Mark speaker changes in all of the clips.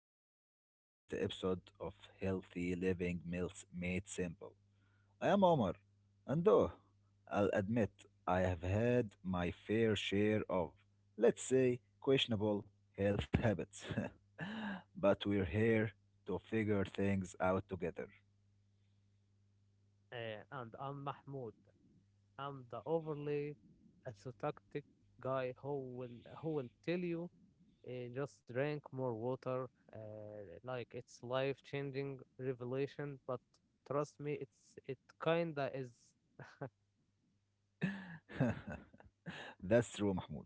Speaker 1: to the very first episode of Healthy Living Meals Made Simple. I am Omar, and I'll admit I have had my fair share of, let's say, questionable health habits. But we're here to figure things out together.
Speaker 2: And I'm Mahmoud. I'm the overly ascetic guy who will tell you just drink more water. Like it's life changing revelation, but trust me, it kinda is.
Speaker 1: That's true, Mahmoud.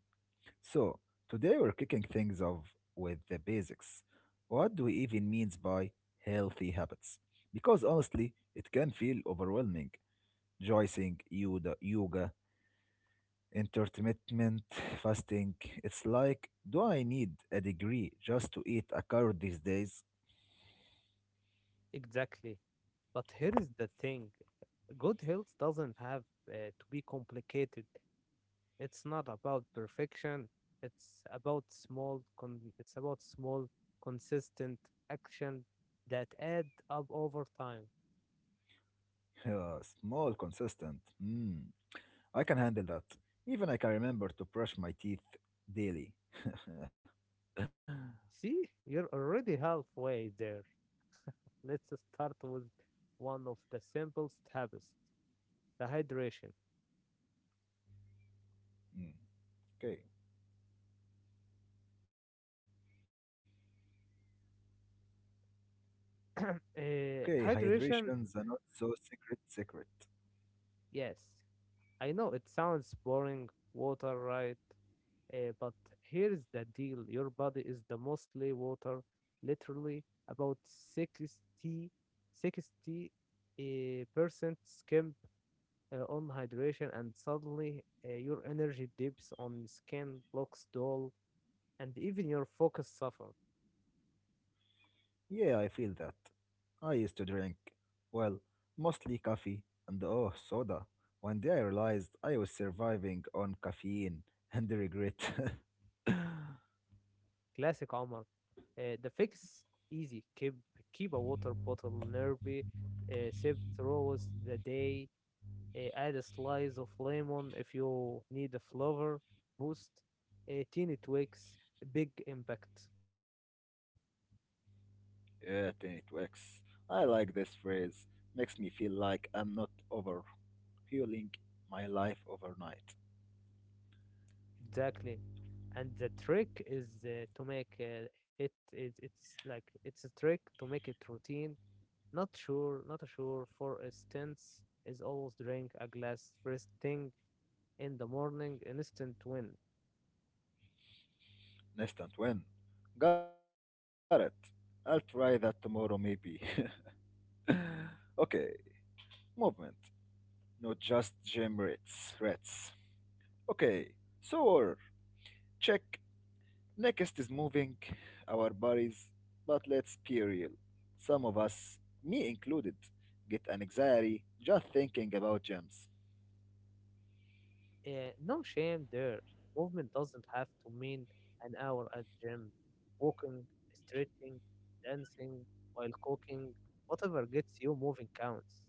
Speaker 1: So, today we're kicking things off with the basics. What do we even mean by healthy habits? Because honestly, it can feel overwhelming. Joicing, yoga, intermittent fasting. It's like, do I need a degree just to eat a carrot these days?
Speaker 2: Exactly. But here is the thing: good health doesn't have to be complicated. It's not about perfection. It's about small consistent action that add up over time.
Speaker 1: Yeah, small, consistent. Hmm, I can handle that. Even I can remember to brush my teeth daily.
Speaker 2: See, you're already halfway there. Let's start with one of the simplest habits, the hydration.
Speaker 1: Mm, okay. Okay, hydration's a not
Speaker 2: Hydration,
Speaker 1: so secret secret.
Speaker 2: yes, I know it sounds boring, water, right? But here's the deal: your body is the mostly water, literally about 60 percent. Skimp on hydration, and suddenly your energy dips on skin, looks dull, and even your focus suffer.
Speaker 1: Yeah, I feel that. I used to drink, well, mostly coffee and soda. One day I realized I was surviving on caffeine and regret. Yeah,
Speaker 2: Classic Omar. The fix easy. Keep a water bottle nearby. Sip throughout the day. Add a slice of lemon if you need a flavor boost. Teeny tweaks, big impact.
Speaker 1: then it works. I like this phrase. Makes me feel like I'm not over healing my life overnight.
Speaker 2: Exactly. And the trick is to make it, it, it's like it's a trick to make it routine. Not sure. For instance, is always drink a glass first thing in the morning. Instant win.
Speaker 1: Instant win. Got it. I'll try that tomorrow maybe. Okay, movement. Not just gym rats. Okay, so our check next is moving our bodies, but let's be real. Some of us, me included, get an anxiety just thinking about gyms.
Speaker 2: No shame there. Movement doesn't have to mean an hour at gym. Walking, stretching, dancing, while cooking, whatever gets you moving counts.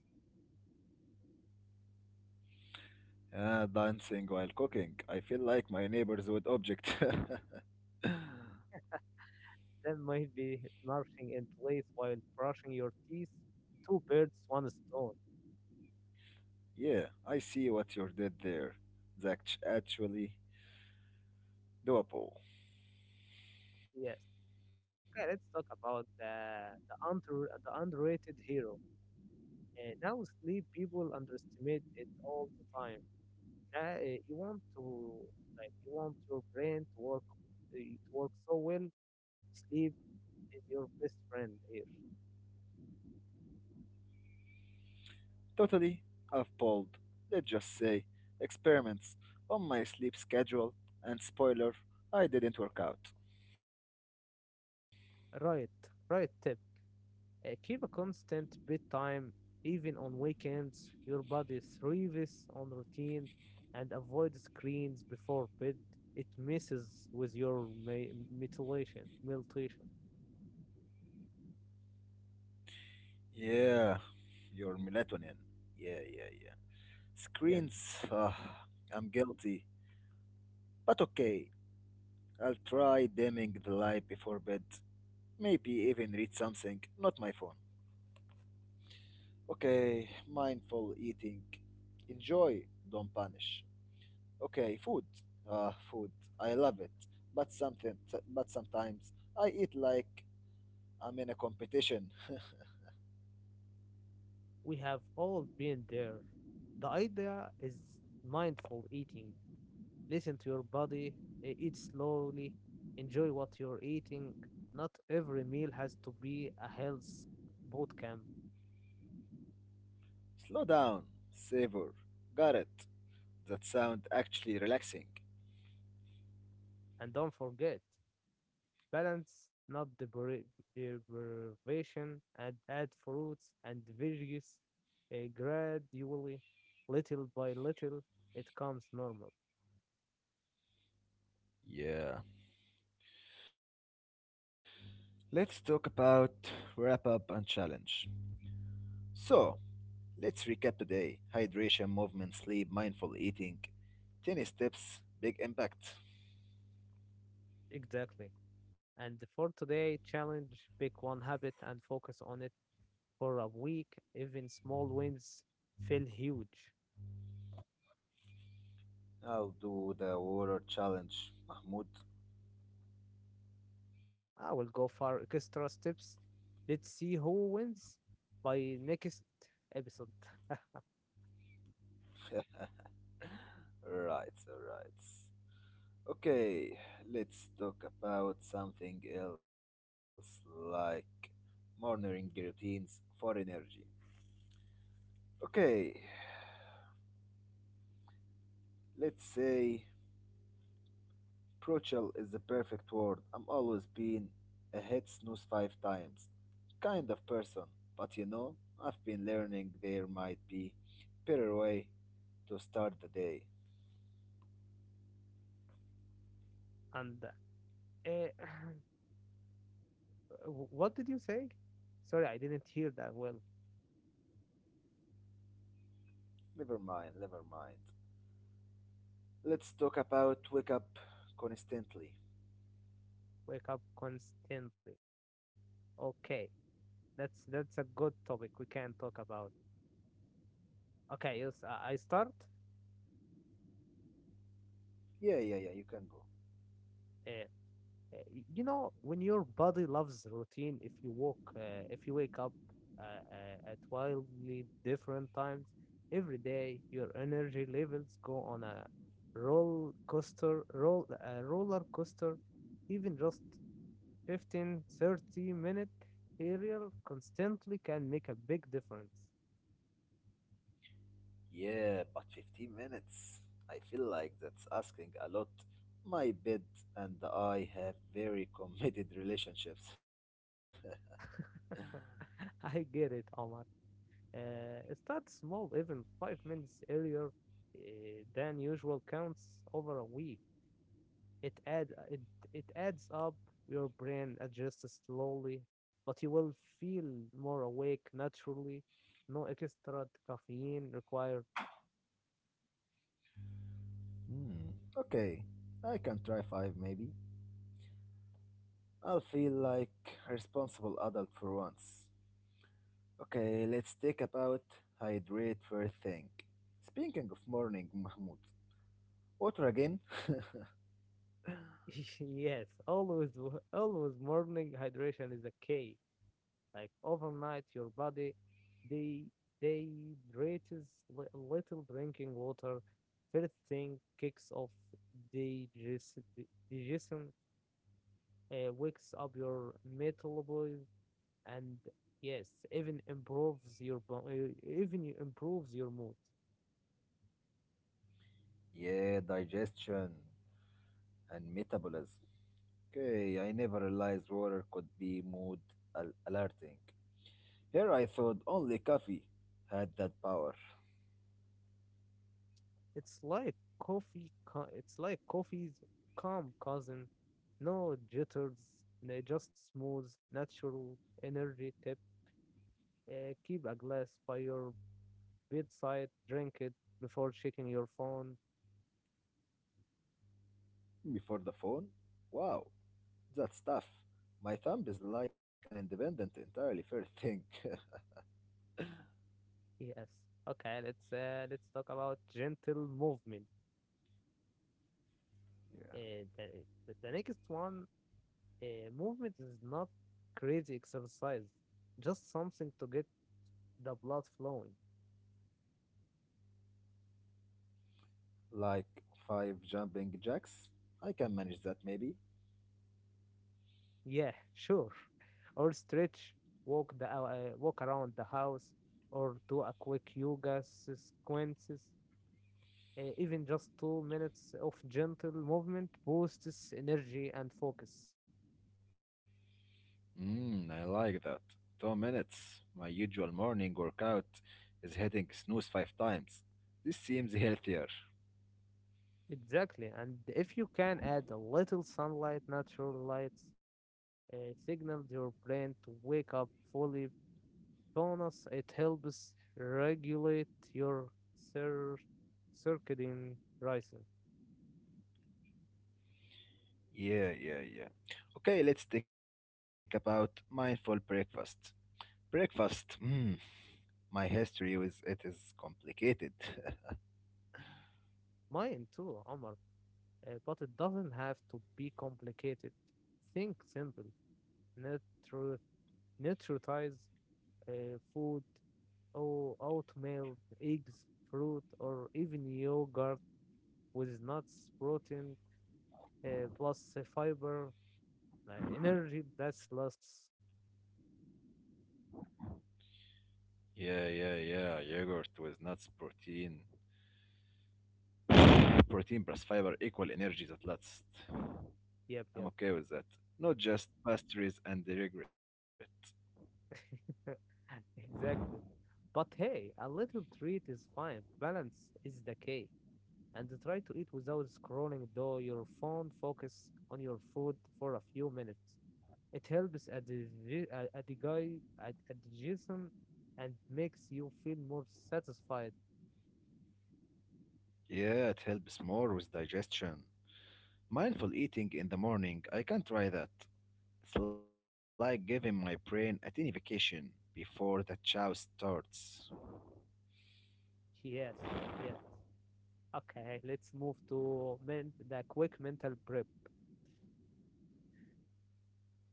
Speaker 1: Ah, dancing while cooking. I feel like my neighbors would object.
Speaker 2: That might be marching in place while brushing your teeth. Two birds, one stone.
Speaker 1: Yeah, I see what you did there. That's actually doable.
Speaker 2: Yes. Okay, let's talk about the underrated hero. Now sleep people underestimate it all the time. Now you want your brain to work, it works so well. Sleep is your best friend here.
Speaker 1: Totally. I've pulled, let's just say, experiments on my sleep schedule, and spoiler, I didn't work out.
Speaker 2: Right, right. Tip: keep a constant bedtime, even on weekends. Your body thrives on routine and avoid screens before bed. It messes with your mutilation.
Speaker 1: Yeah, your melatonin. Yeah, yeah, yeah.
Speaker 2: Yes,
Speaker 1: Screens, ugh, I'm guilty. But okay, I'll try dimming the light before bed. Maybe even read something, not my phone. Okay, mindful eating. Enjoy, don't punish. Okay, food. Uh, food. I love it. But something but sometimes I eat like I'm in a competition.
Speaker 2: we have all been there. The idea is mindful eating. Listen to your body, eat slowly, enjoy what you're eating. Not every meal has to be a health boot camp.
Speaker 1: Slow down, savor. Got it. That sound actually relaxing.
Speaker 2: And don't forget, balance, not deprivation, and add fruits and veggies gradually, little by little, it comes normal.
Speaker 1: Yeah. Let's talk about wrap up and challenge. So, let's recap today. Hydration, movement, sleep, mindful eating. 10 steps, big impact.
Speaker 2: Exactly. And for today, challenge pick one habit and focus on it for a week. Even small wins feel huge.
Speaker 1: I'll do the water challenge, Mahmoud.
Speaker 2: I will go for extra steps. Let's see who wins by next episode.
Speaker 1: Right, right. Okay, let's talk about something else, like morning routines for energy. Okay, let's say brutal is the perfect word. I'm always been a hit snooze five times kind of person, but you know, I've been learning there might be better way to start the day.
Speaker 2: And What did you say? Sorry, I didn't hear that well.
Speaker 1: Never mind, never mind. Let's talk about wake up constantly.
Speaker 2: Wake up constantly. Okay, that's a good topic we can talk about. Okay, yes, I start.
Speaker 1: Yeah, yeah, yeah, you can go.
Speaker 2: Uh, Uh, You know, when your body loves routine, if you wake up at wildly different times every day, your energy levels go on a roller coaster. Even just 15, thirty 30-minute aerial constantly can make a big difference.
Speaker 1: Yeah, but 15 minutes. I feel like that's asking a lot. My bed and I have very committed relationships.
Speaker 2: I get it, Omar. Start small, even 5 minutes earlier than usual counts over a week. It add uh, it it adds up. Your brain adjusts slowly, but you will feel more awake naturally. No extra caffeine required.
Speaker 1: Hmm. Okay, I can try five maybe. I'll feel like responsible adult for once. Okay, let's take about hydrate first thing. Speaking of morning, Mahmoud, water again?
Speaker 2: Yes, always morning hydration is a key. Like overnight, your body they dehydrates. Little drinking water first thing kicks off digestion, digestion wakes up your metabolism, and yes, even improves your bo- even you improves your mood.
Speaker 1: Yeah, digestion and metabolism. Okay, I never realized water could be mood alerting. Here I thought only coffee had that power.
Speaker 2: It's like coffee co- it's like coffee's calm cousin, no jitters, just smooth natural energy. Tip: keep a glass by your bedside, drink it before checking your phone.
Speaker 1: Before the phone? Wow, that's tough. My thumb is like an independent, entirely fair thing.
Speaker 2: Yes, okay, let's talk about gentle movement,
Speaker 1: Yeah.
Speaker 2: uh, the, the next one. Movement is not crazy exercise, just something to get the blood flowing.
Speaker 1: Like five jumping jacks? I can manage that maybe.
Speaker 2: Yeah, sure. Or stretch, walk around the house, or do a quick yoga sequences. Even just 2 minutes of gentle movement boosts energy and focus.
Speaker 1: Hmm, I like that. 2 minutes. My usual morning workout is hitting snooze five times. This seems healthier.
Speaker 2: Exactly, and if you can add a little sunlight, natural lights, signals your brain to wake up fully Jonas, it helps regulate your cir circadian rhythm.
Speaker 1: Yeah, yeah, yeah. Okay, let's talk about mindful breakfast. Breakfast. Hmm. My history with it is complicated.
Speaker 2: Mine too, Omar, but it doesn't have to be complicated. Think simple. Nutri Nutritize food, or oatmeal, eggs, fruit, or even yogurt with nuts, protein, plus fiber, energy that lasts.
Speaker 1: Yeah, yeah, yeah. Yogurt with nuts, protein. Protein plus fiber equal energy that lasts.
Speaker 2: Yep, yep.
Speaker 1: I'm okay with that. Not just pastries and the regret.
Speaker 2: Exactly. But hey, a little treat is fine. Balance is the key. And try to eat without scrolling though your phone. Focus on your food for a few minutes. It helps at the guy at digestion and makes you feel more satisfied.
Speaker 1: Yeah, it helps more with digestion. Mindful eating in the morning, I can try that. It's like giving my brain a tiny vacation before the chow starts.
Speaker 2: Yes, yes. Okay, let's move to men the quick mental prep.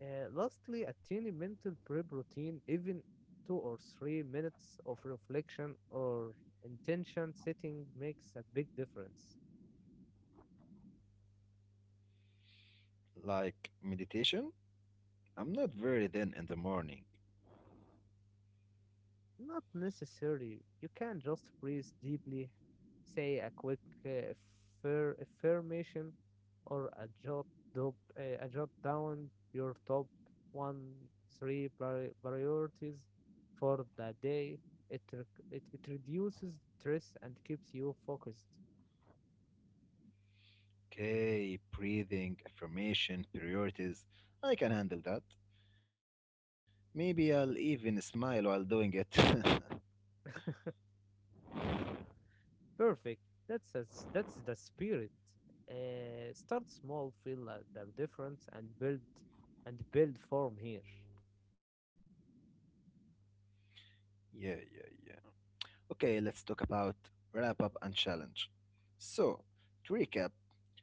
Speaker 2: Lastly, a tiny mental prep routine, even 2 or 3 minutes of reflection or intention setting, makes a big difference.
Speaker 1: Like meditation? I'm not very then in the morning.
Speaker 2: Not necessary. You can just breathe deeply, say a quick uh, affirmation, or a jot down your top one, three priorities for the day. It reduces stress and keeps you focused.
Speaker 1: Okay, breathing, affirmation, priorities. I can handle that. Maybe I'll even smile while doing it. Yeah,
Speaker 2: Perfect. That's a s That's the spirit. Start small, feel the difference, and build form here.
Speaker 1: yeah, yeah. Okay, let's talk about wrap up and challenge. So, to recap,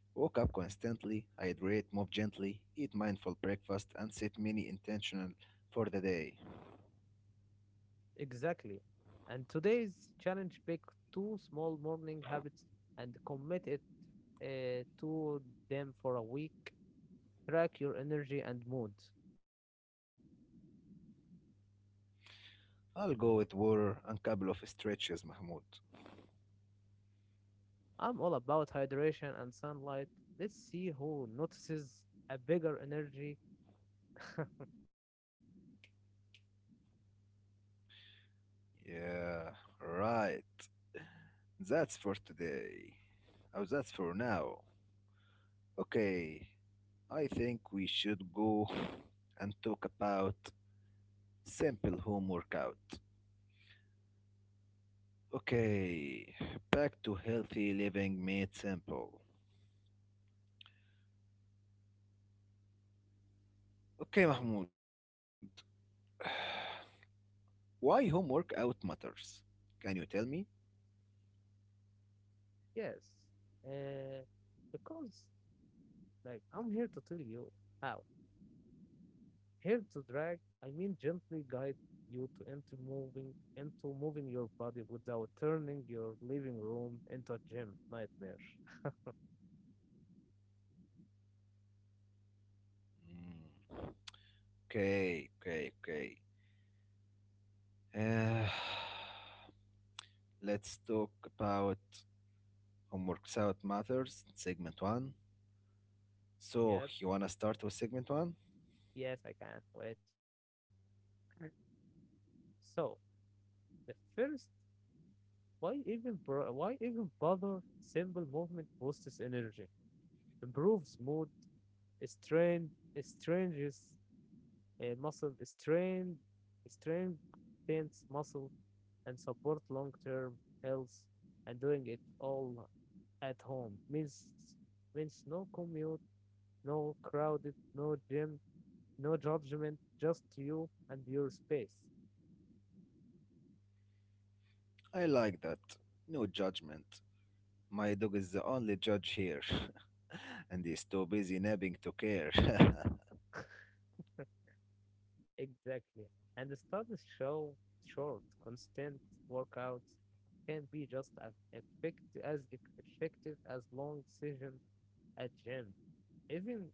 Speaker 1: wake up constantly, hydrate, move gently, eat mindful breakfast, and set mini intentional for the day.
Speaker 2: Exactly. And today's challenge: pick two small morning habits and commit it to them for a week. Track your energy and mood.
Speaker 1: I'll go with water and couple of stretches, Mahmoud.
Speaker 2: I'm all about hydration and sunlight. Let's see who notices a bigger energy.
Speaker 1: Yeah, right. That's for today. Oh, that's for now. Okay, I think we should go and talk about simple home workout. Okay, back to healthy living made simple. Okay, Mahmoud, why home workout matters? Can you tell me?
Speaker 2: Yes. Uh, because, like, I'm here to tell you how. Here to drag, I mean gently guide you to into moving your body without turning your living room into a gym nightmare.
Speaker 1: Mm, okay, okay, okay. Uh, let's talk about home workout matters, segment one. So,
Speaker 2: Yep,
Speaker 1: you wanna start with segment one?
Speaker 2: yes, I can. Not Wait. So the first, why even bother? Simple movement boosts energy, improves mood, strain, stranges muscle strength, tense muscle, and support long-term health. And doing it all at home means no commute, no crowded, no gym, no judgment, just you and your space.
Speaker 1: I like that. No judgment. My dog is the only judge here, and he's too busy napping to care.
Speaker 2: Exactly. And the studies show short, constant workouts can be just as effective as effective as long session at gym. Even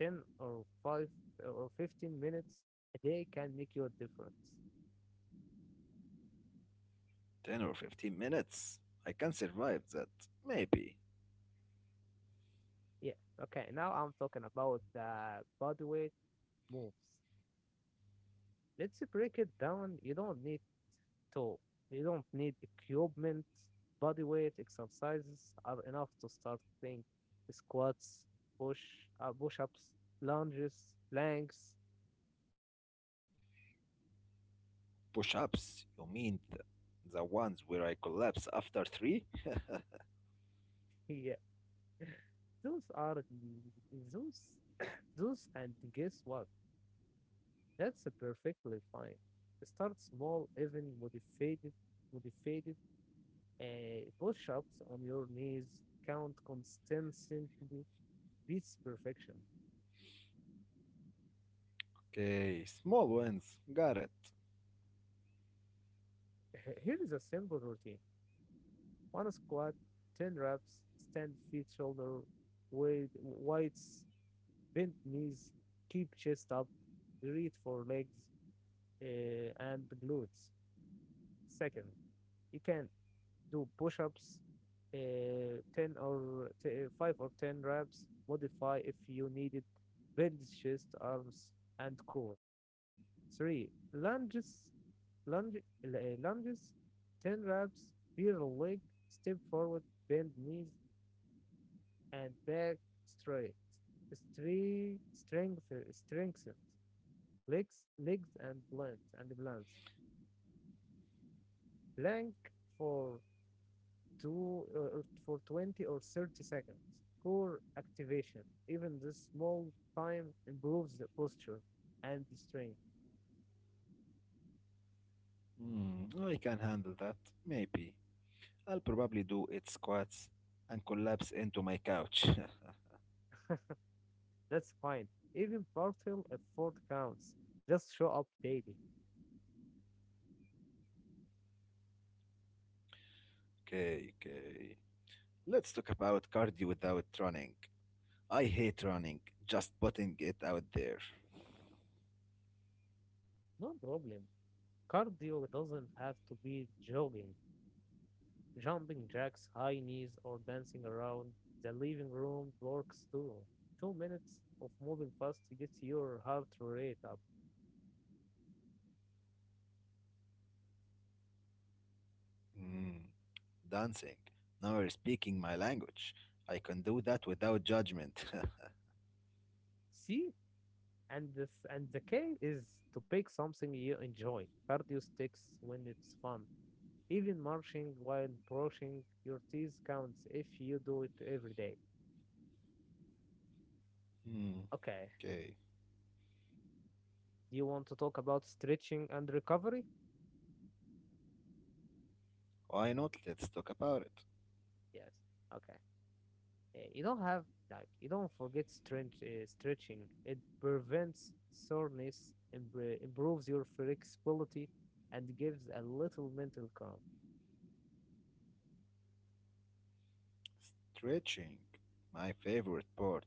Speaker 2: 10 or 5 or 15 minutes a day can make you a difference.
Speaker 1: 10 or 15 minutes? I can survive that. Maybe.
Speaker 2: Yeah. Okay. Now I'm talking about the body weight moves. Let's break it down. To, you don't need equipment. Body weight exercises are enough to start things. Squats, push, push-ups, lunges, planks.
Speaker 1: Push ups? You mean the ones where I collapse after three?
Speaker 2: Yeah. Those are those, those, and guess what? That's perfectly fine. Start small, even motivated push-ups on your knees. Count consistently beats perfection.
Speaker 1: Okay, small ones. Got it.
Speaker 2: Here is a simple routine: one squat, 10 reps, stand feet shoulder wide, bent knees, keep chest up, breathe for legs and glutes. Second, you can do push-ups, 5 or 10 reps, modify if you needed, build chest, arms, and core. 3. Lunge, Lunges, 10 reps, bear leg, step forward, bend knees, and back straight. Strengthens legs and blunt and blunt. Plank for for 20 or 30 seconds. Core activation, even this small time improves the posture and the strength.
Speaker 1: Hmm, I can handle that. Maybe. I'll probably do eight squats and collapse into my couch.
Speaker 2: That's fine. Even partial effort counts. Just show up daily.
Speaker 1: Okay, okay. Let's talk about cardio without running. I hate running, just putting it out there.
Speaker 2: No problem. Cardio doesn't have to be jogging, jumping jacks, high knees, or dancing around. The living room works too. 2 minutes of moving fast gets your heart rate up.
Speaker 1: Mm, dancing. Now you're speaking my language. I can do that without judgment.
Speaker 2: See. And this and the key is to pick something you enjoy. Cardio sticks when it's fun. Even marching while brushing your teeth counts if you do it every day.
Speaker 1: Hmm,
Speaker 2: Okay.
Speaker 1: okay.
Speaker 2: Do you want to talk about stretching and recovery?
Speaker 1: Why not? Let's talk about it.
Speaker 2: Yes. Okay. Eh, You don't have you don't forget stretching. It prevents soreness, improves your flexibility, and gives a little mental calm.
Speaker 1: Stretching. My favorite part.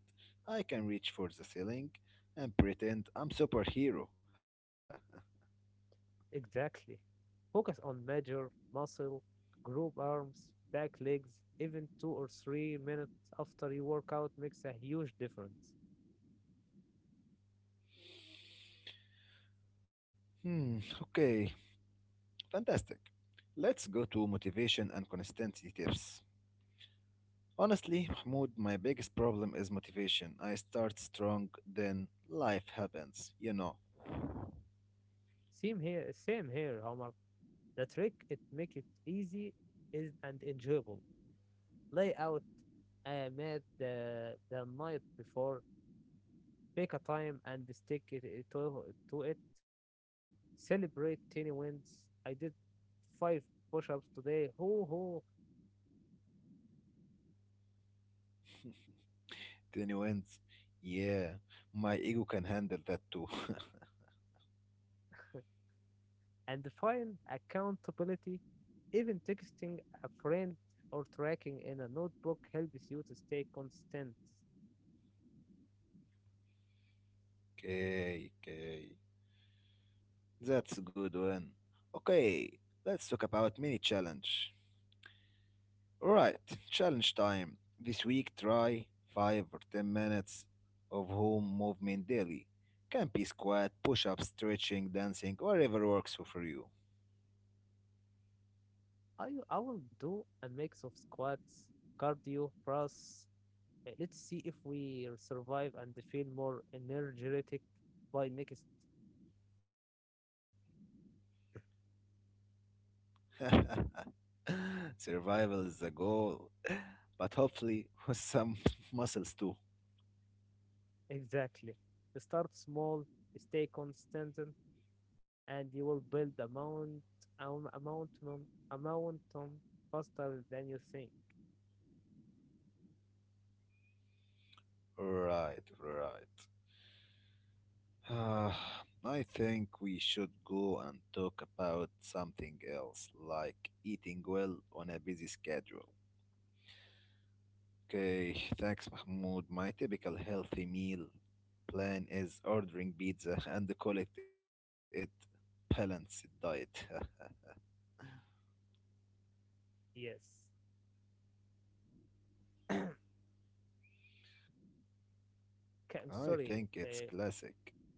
Speaker 1: I can reach for the ceiling and pretend I'm superhero.
Speaker 2: Exactly. Focus on major muscle, group arms, back legs, even 2 or 3 minutes after you work out makes a huge difference.
Speaker 1: Hmm, okay. Fantastic. Let's go to motivation and consistency tips. Honestly, Mahmoud, my biggest problem is motivation. I start strong, then life happens, you know.
Speaker 2: Same here, Omar. The trick it make it easy is and enjoyable. Lay out a mat the night before, pick a time and stick it to it. Celebrate tiny wins. I did 5 push-ups today. Ho ho.
Speaker 1: Then you ends. Yeah, my ego can handle that too.
Speaker 2: And define accountability. Even texting a friend or tracking in a notebook helps you to stay constant.
Speaker 1: Okay, okay. That's a good one. Okay, let's talk about mini challenge. Alright, challenge time. This week try 5 or 10 minutes of home movement daily. Can be squat, push up, stretching, dancing, whatever works for you.
Speaker 2: I will do a mix of squats, cardio, press. Let's see if we survive and feel more energetic by next.
Speaker 1: Survival is the goal, but hopefully with some muscles too.
Speaker 2: Exactly. Start small, stay constant, and you will build a mountain faster than you think.
Speaker 1: Right, right. Ah, I think we should go and talk about something else, like eating well on a busy schedule. Okay, thanks, Mahmoud. My typical healthy meal plan is ordering pizza and call it balanced diet.
Speaker 2: Yes. I'm
Speaker 1: I
Speaker 2: sorry.
Speaker 1: think
Speaker 2: Uh,
Speaker 1: it's classic.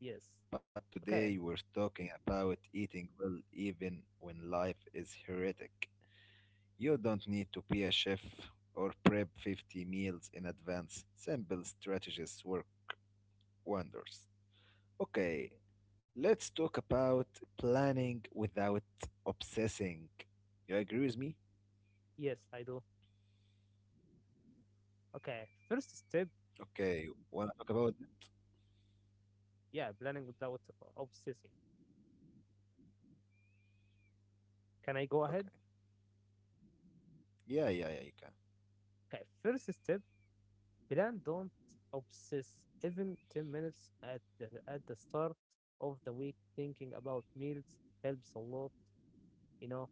Speaker 2: Yes.
Speaker 1: But
Speaker 2: Okay.
Speaker 1: today we're talking about eating well even when life is heretic. You don't need to be a chef or prep 50 meals in advance. Simple strategies work wonders. Okay, let's talk about planning without obsessing. You agree with me?
Speaker 2: Yes, I do. Okay. First step,
Speaker 1: Okay, wanna talk about it?
Speaker 2: yeah, planning without obsessing. Can I go ahead?
Speaker 1: Okay. Yeah, yeah, yeah, you can.
Speaker 2: Okay. First step, plan. Don't obsess. Even 10 minutes at the start of the week, thinking about meals helps a lot. You know,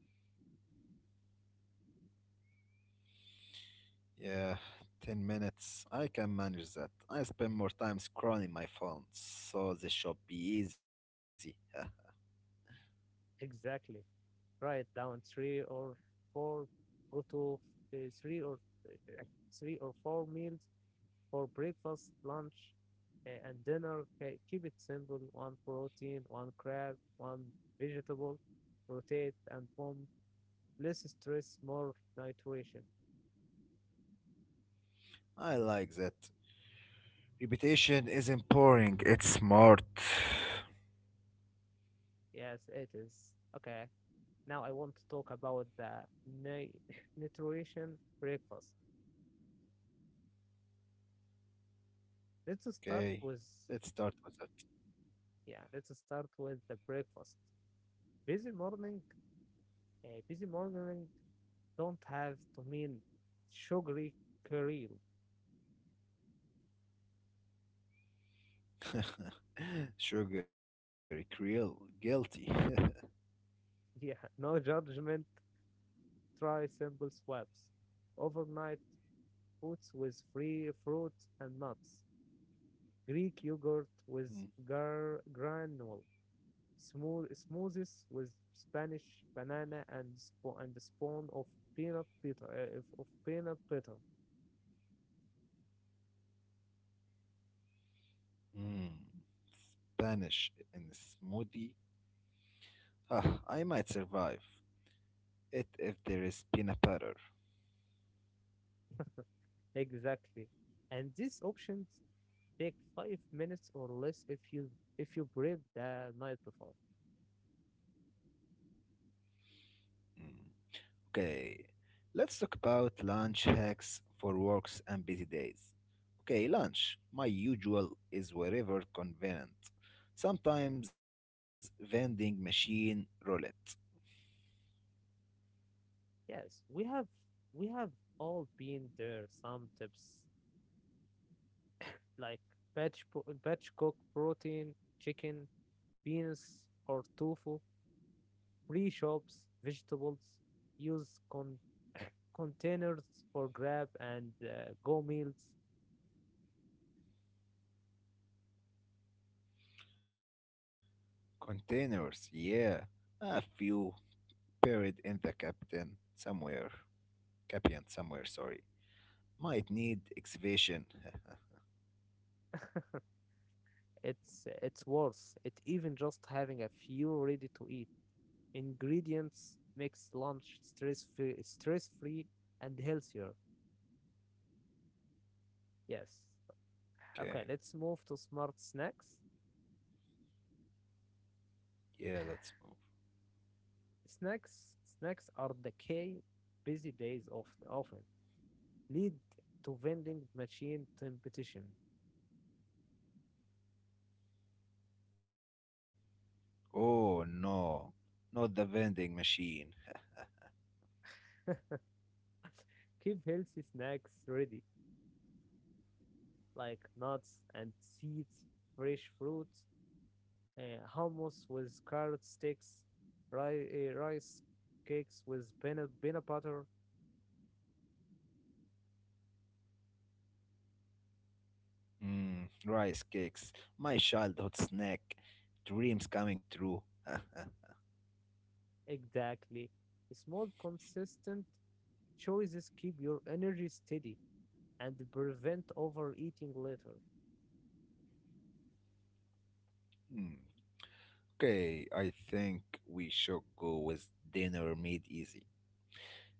Speaker 1: Yeah, 10 minutes. I can manage that. I spend more time scrolling my phone, so this should be easy.
Speaker 2: exactly. Write down three or four, go to three or uh, 3 or 4 meals for breakfast, lunch, and dinner. Okay, keep it simple. One protein, one crab, one vegetable. Rotate and form less stress, more nutrition.
Speaker 1: I like that. Repetition isn't boring, it's smart.
Speaker 2: Yes, it is. Okay. Now I want to talk about the nutrition breakfast. Let's start with
Speaker 1: Okay, let's start with that.
Speaker 2: Yeah, let's start with the breakfast. Busy morning, busy morning don't have to mean sugary cereal.
Speaker 1: Sugar, Creole, guilty.
Speaker 2: Yeah, no judgment. Try simple swaps. Overnight oats with free fruit and nuts. Greek yogurt with
Speaker 1: Mm,
Speaker 2: granule. Smoothies with Spanish banana and a spoon of peanut butter.
Speaker 1: mm. Spanish in smoothie. Ah, I might survive it if there is peanut butter.
Speaker 2: Exactly. And these options take 5 minutes or less if you breathe the night before.
Speaker 1: Mm, okay, let's talk about lunch hacks for works and busy days. Okay, lunch. My usual is wherever convenient. Sometimes vending machine roulette.
Speaker 2: Yes, we have all been there. Some tips, like batch batch cook protein, chicken, beans, or tofu. Pre shops, vegetables. Use containers for grab and go meals.
Speaker 1: Containers, yeah. A few buried in the captain somewhere. Captain somewhere, sorry. Might need excavation.
Speaker 2: It's worth it. Even just having a few ready to eat ingredients makes lunch stress free and healthier. Yes. Okay, let's move to
Speaker 1: Okay,
Speaker 2: smart snacks.
Speaker 1: yeah, let's move.
Speaker 2: Snacks are the key. Busy days of often lead to vending machine competition.
Speaker 1: Oh no, not the vending machine.
Speaker 2: Keep healthy snacks ready, like nuts and seeds, fresh fruits, hummus with carrot sticks, rice cakes with peanut butter.
Speaker 1: Mm, rice cakes, my childhood snack. Dreams coming true.
Speaker 2: Exactly. Small, consistent choices keep your energy steady and prevent overeating later.
Speaker 1: Hmm. Okay, I think we should go with dinner made easy.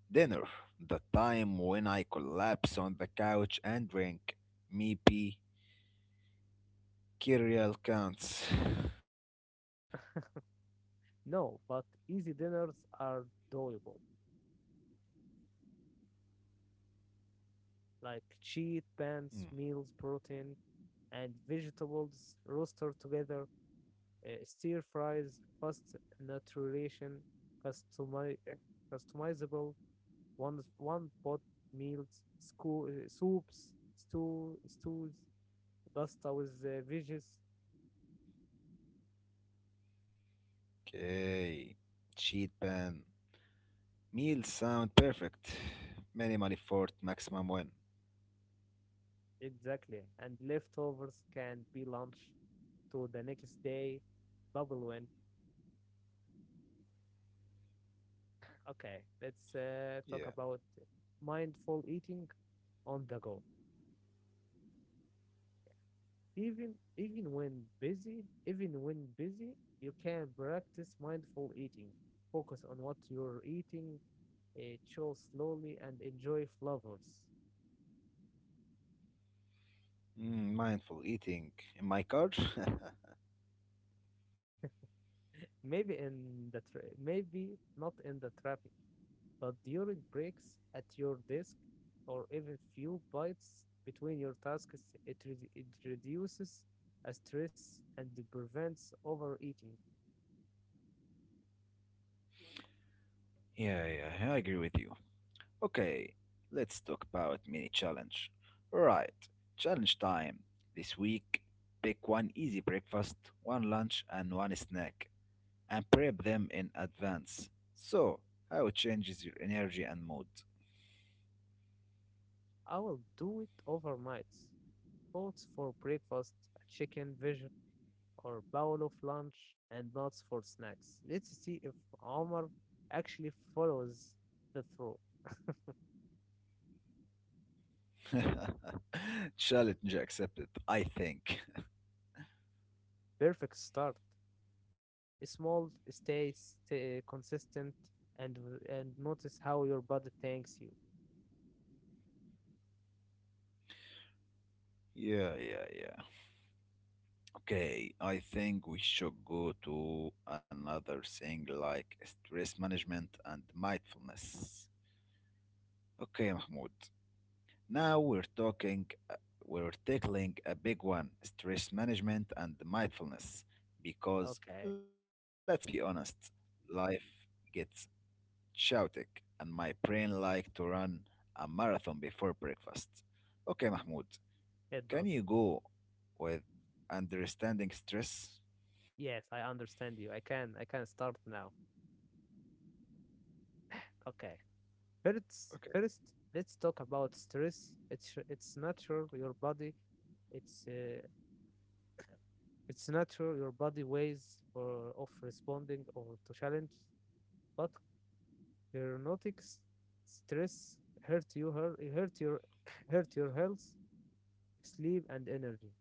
Speaker 1: Dinner, the time when I collapse on the couch and drink Meepy Kirial counts.
Speaker 2: No, but easy dinners are doable, like cheat pants, meals, protein, and vegetables roasted together, stir fries, fast nutrition, customi- customizable one pot meals, soups, stews, pasta with veggies.
Speaker 1: Okay, cheat pan. Meals sound perfect. Minimal effort, maximum win.
Speaker 2: Exactly, and leftovers can be lunch to the next day. Double win. Okay, let's talk
Speaker 1: Yeah.
Speaker 2: about mindful eating on the go. Even when busy, you can practice mindful eating. Focus on what you're eating, chew slowly, and enjoy flavors.
Speaker 1: Mm, mindful eating in my car.
Speaker 2: Maybe not in the traffic, but during breaks at your desk, or even few bites between your tasks, it reduces stress and prevents overeating.
Speaker 1: Yeah, yeah, I agree with you. Okay, let's talk about mini challenge. Right, challenge time. This week, pick one easy breakfast, one lunch, and one snack, and prep them in advance. So, how it changes your energy and mood.
Speaker 2: I will do it overnight. Thoughts for breakfast, chicken, veggies or bowl of lunch and nuts for snacks. Let's see if Omar actually follows the through.
Speaker 1: Challenge accepted, I think.
Speaker 2: Perfect start. Small, stay consistent, and and notice how your body thanks you.
Speaker 1: Yeah, yeah, yeah. Okay, I think we should go to another thing, like stress management and mindfulness. Okay, Mahmoud. Now we're talking, we're tackling a big one stress management and mindfulness. Because
Speaker 2: Okay,
Speaker 1: let's be honest, life gets chaotic, and my brain likes to run a marathon before breakfast. Okay, Mahmoud,
Speaker 2: it
Speaker 1: can
Speaker 2: does.
Speaker 1: you go with understanding stress?
Speaker 2: Yes, I understand you. I can start now. Okay.
Speaker 1: Okay.
Speaker 2: First, let's talk about stress. It's natural. Your body, it's uh, it's natural. Your body ways for of responding or to challenge, but chronotics stress hurt you hurt your hurt your health, sleep, and energy.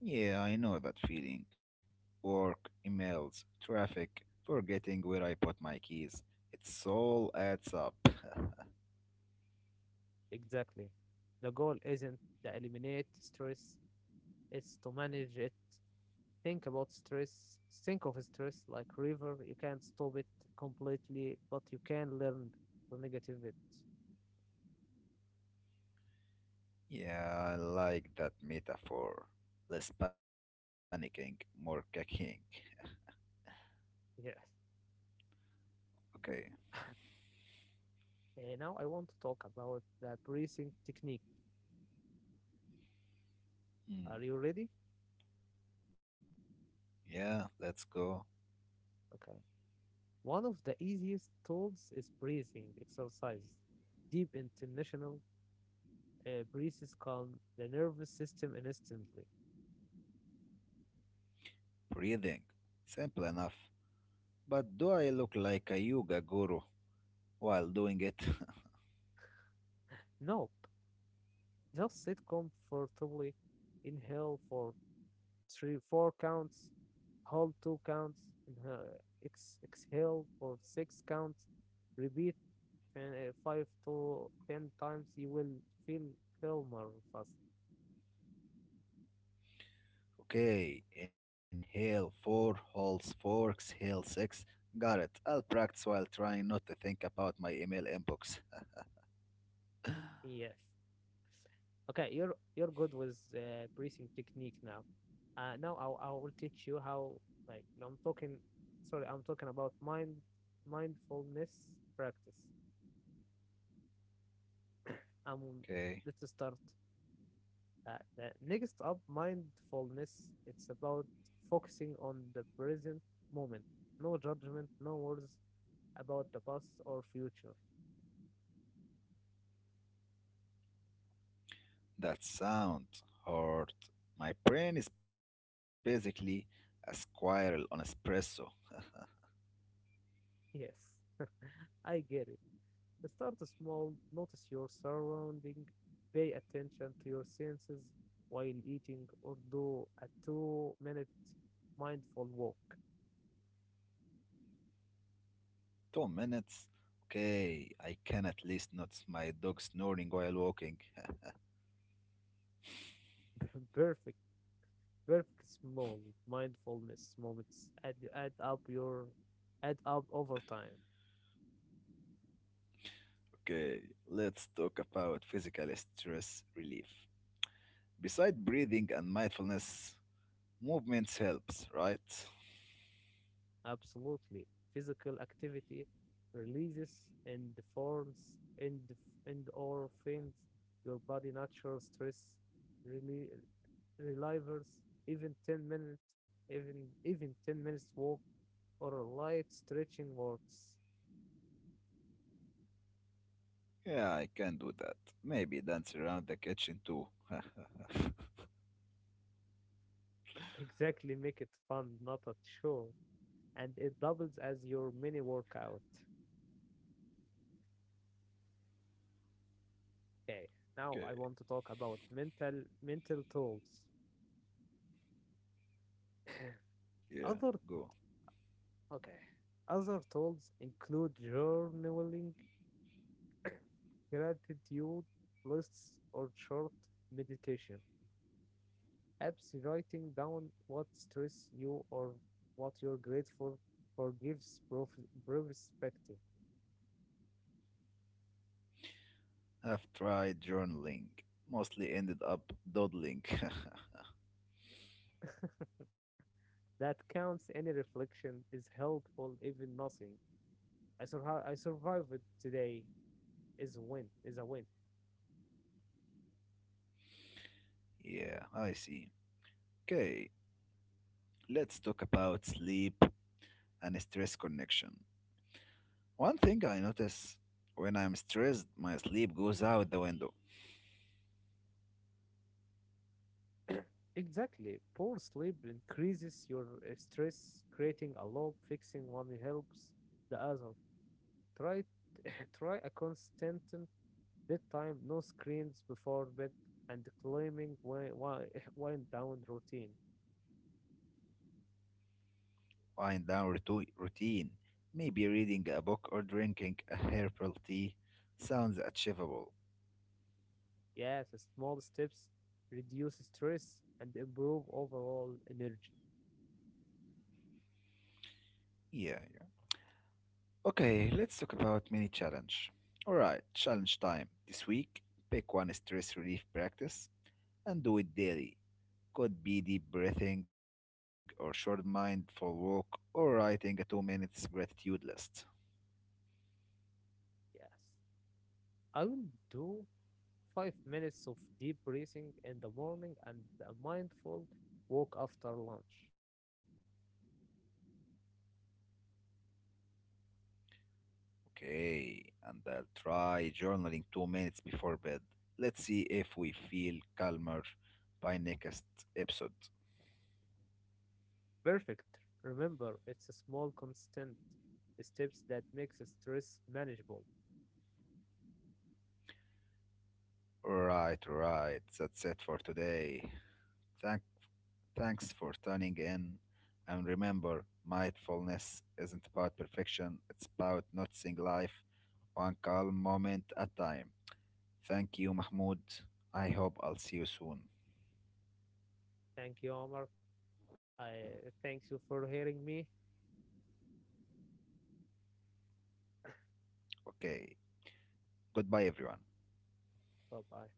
Speaker 1: Yeah, I know that feeling. Work, emails, traffic, forgetting where I put my keys. It all adds up.
Speaker 2: Exactly. The goal isn't to eliminate stress; it's to manage it. Think about stress. Think of stress like river. You can't stop it completely, but you can learn to negative it.
Speaker 1: Yeah, I like that metaphor. Less panicking, more caking.
Speaker 2: Yeah.
Speaker 1: Okay.
Speaker 2: Now I want to talk about the breathing technique. Are
Speaker 1: Mm.
Speaker 2: you ready?
Speaker 1: Yeah, let's go.
Speaker 2: Okay. One of the easiest tools is breathing exercises. Deep international breaths calm the nervous system instantly.
Speaker 1: Breathing. Simple enough. But do I look like a yoga guru while doing it?
Speaker 2: Nope, just sit comfortably. Inhale for three, four counts. Hold two counts. Inhale, exhale for six counts. Repeat five to ten times. You will feel calmer fast.
Speaker 1: Okay. Inhale four, holds four, exhale six. Got it. I'll practice while trying not to think about my email inbox.
Speaker 2: Yes. Okay, you're good with breathing technique now. Now I will teach you how, like no, I'm talking. Sorry, I'm talking about mindfulness practice. Um,
Speaker 1: Okay.
Speaker 2: let's start. The next up, mindfulness. It's about focusing on the present moment. No judgment, no worries about the past or future.
Speaker 1: That sound hard. My brain is basically a squirrel on espresso.
Speaker 2: Yes, I get it. Start small, notice your surrounding, pay attention to your senses while eating, or do a 2-minute mindful walk.
Speaker 1: 2 minutes? Okay, I can at least not my dog snoring while walking.
Speaker 2: Perfect, perfect, small mindfulness moments add up over time.
Speaker 1: Okay, let's talk about physical stress relief. Beside breathing and mindfulness, movements helps, right?
Speaker 2: Absolutely. Physical activity releases and forms, and and or faints your body natural stress really relievers. Even 10 minutes even even 10 minutes walk or a light stretching works.
Speaker 1: Yeah, I can do that. Maybe dance around the kitchen too.
Speaker 2: Exactly, make it fun, not a chore, and it doubles as your mini workout. Okay, now
Speaker 1: Okay,
Speaker 2: I want to talk about mental tools.
Speaker 1: yeah,
Speaker 2: Other.
Speaker 1: go.
Speaker 2: Okay. Other tools include journaling, gratitude lists, or short meditation apps. Writing down what stress you or what you're grateful for gives perspective.
Speaker 1: I've tried journaling. Mostly ended up dawdling.
Speaker 2: That counts. Any reflection is helpful, even nothing. I survived today is a win.
Speaker 1: Yeah, I see. Okay, let's talk about sleep and stress connection. One thing I notice when I'm stressed, my sleep goes out the window.
Speaker 2: Exactly. Poor sleep increases your stress, creating a loop. Fixing one helps the other. Try try a constant bedtime, no screens before bed, and climbing wind down routine.
Speaker 1: I'm down routine. Maybe reading a book or drinking a herbal tea sounds achievable.
Speaker 2: Yes, small steps reduce stress and improve overall energy.
Speaker 1: Yeah, yeah. Okay, let's talk about mini challenge. Alright, challenge time. This week, pick one stress relief practice and do it daily. Could be deep breathing or short mindful walk or writing a 2 minutes gratitude list.
Speaker 2: Yes, I will do 5 minutes of deep breathing in the morning and a mindful walk after lunch.
Speaker 1: Okay, and I'll try journaling 2 minutes before bed. Let's see if we feel calmer by next episode.
Speaker 2: Perfect. Remember, it's a small constant steps that makes stress manageable.
Speaker 1: Right, right. That's it for today. Thank, thanks for tuning in. And remember, mindfulness isn't about perfection, it's about noticing life one calm moment at a time. Thank you, Mahmoud. I hope I'll see you soon.
Speaker 2: Thank you, Omar. I thank you for hearing me.
Speaker 1: Okay, goodbye, everyone.
Speaker 2: Bye bye.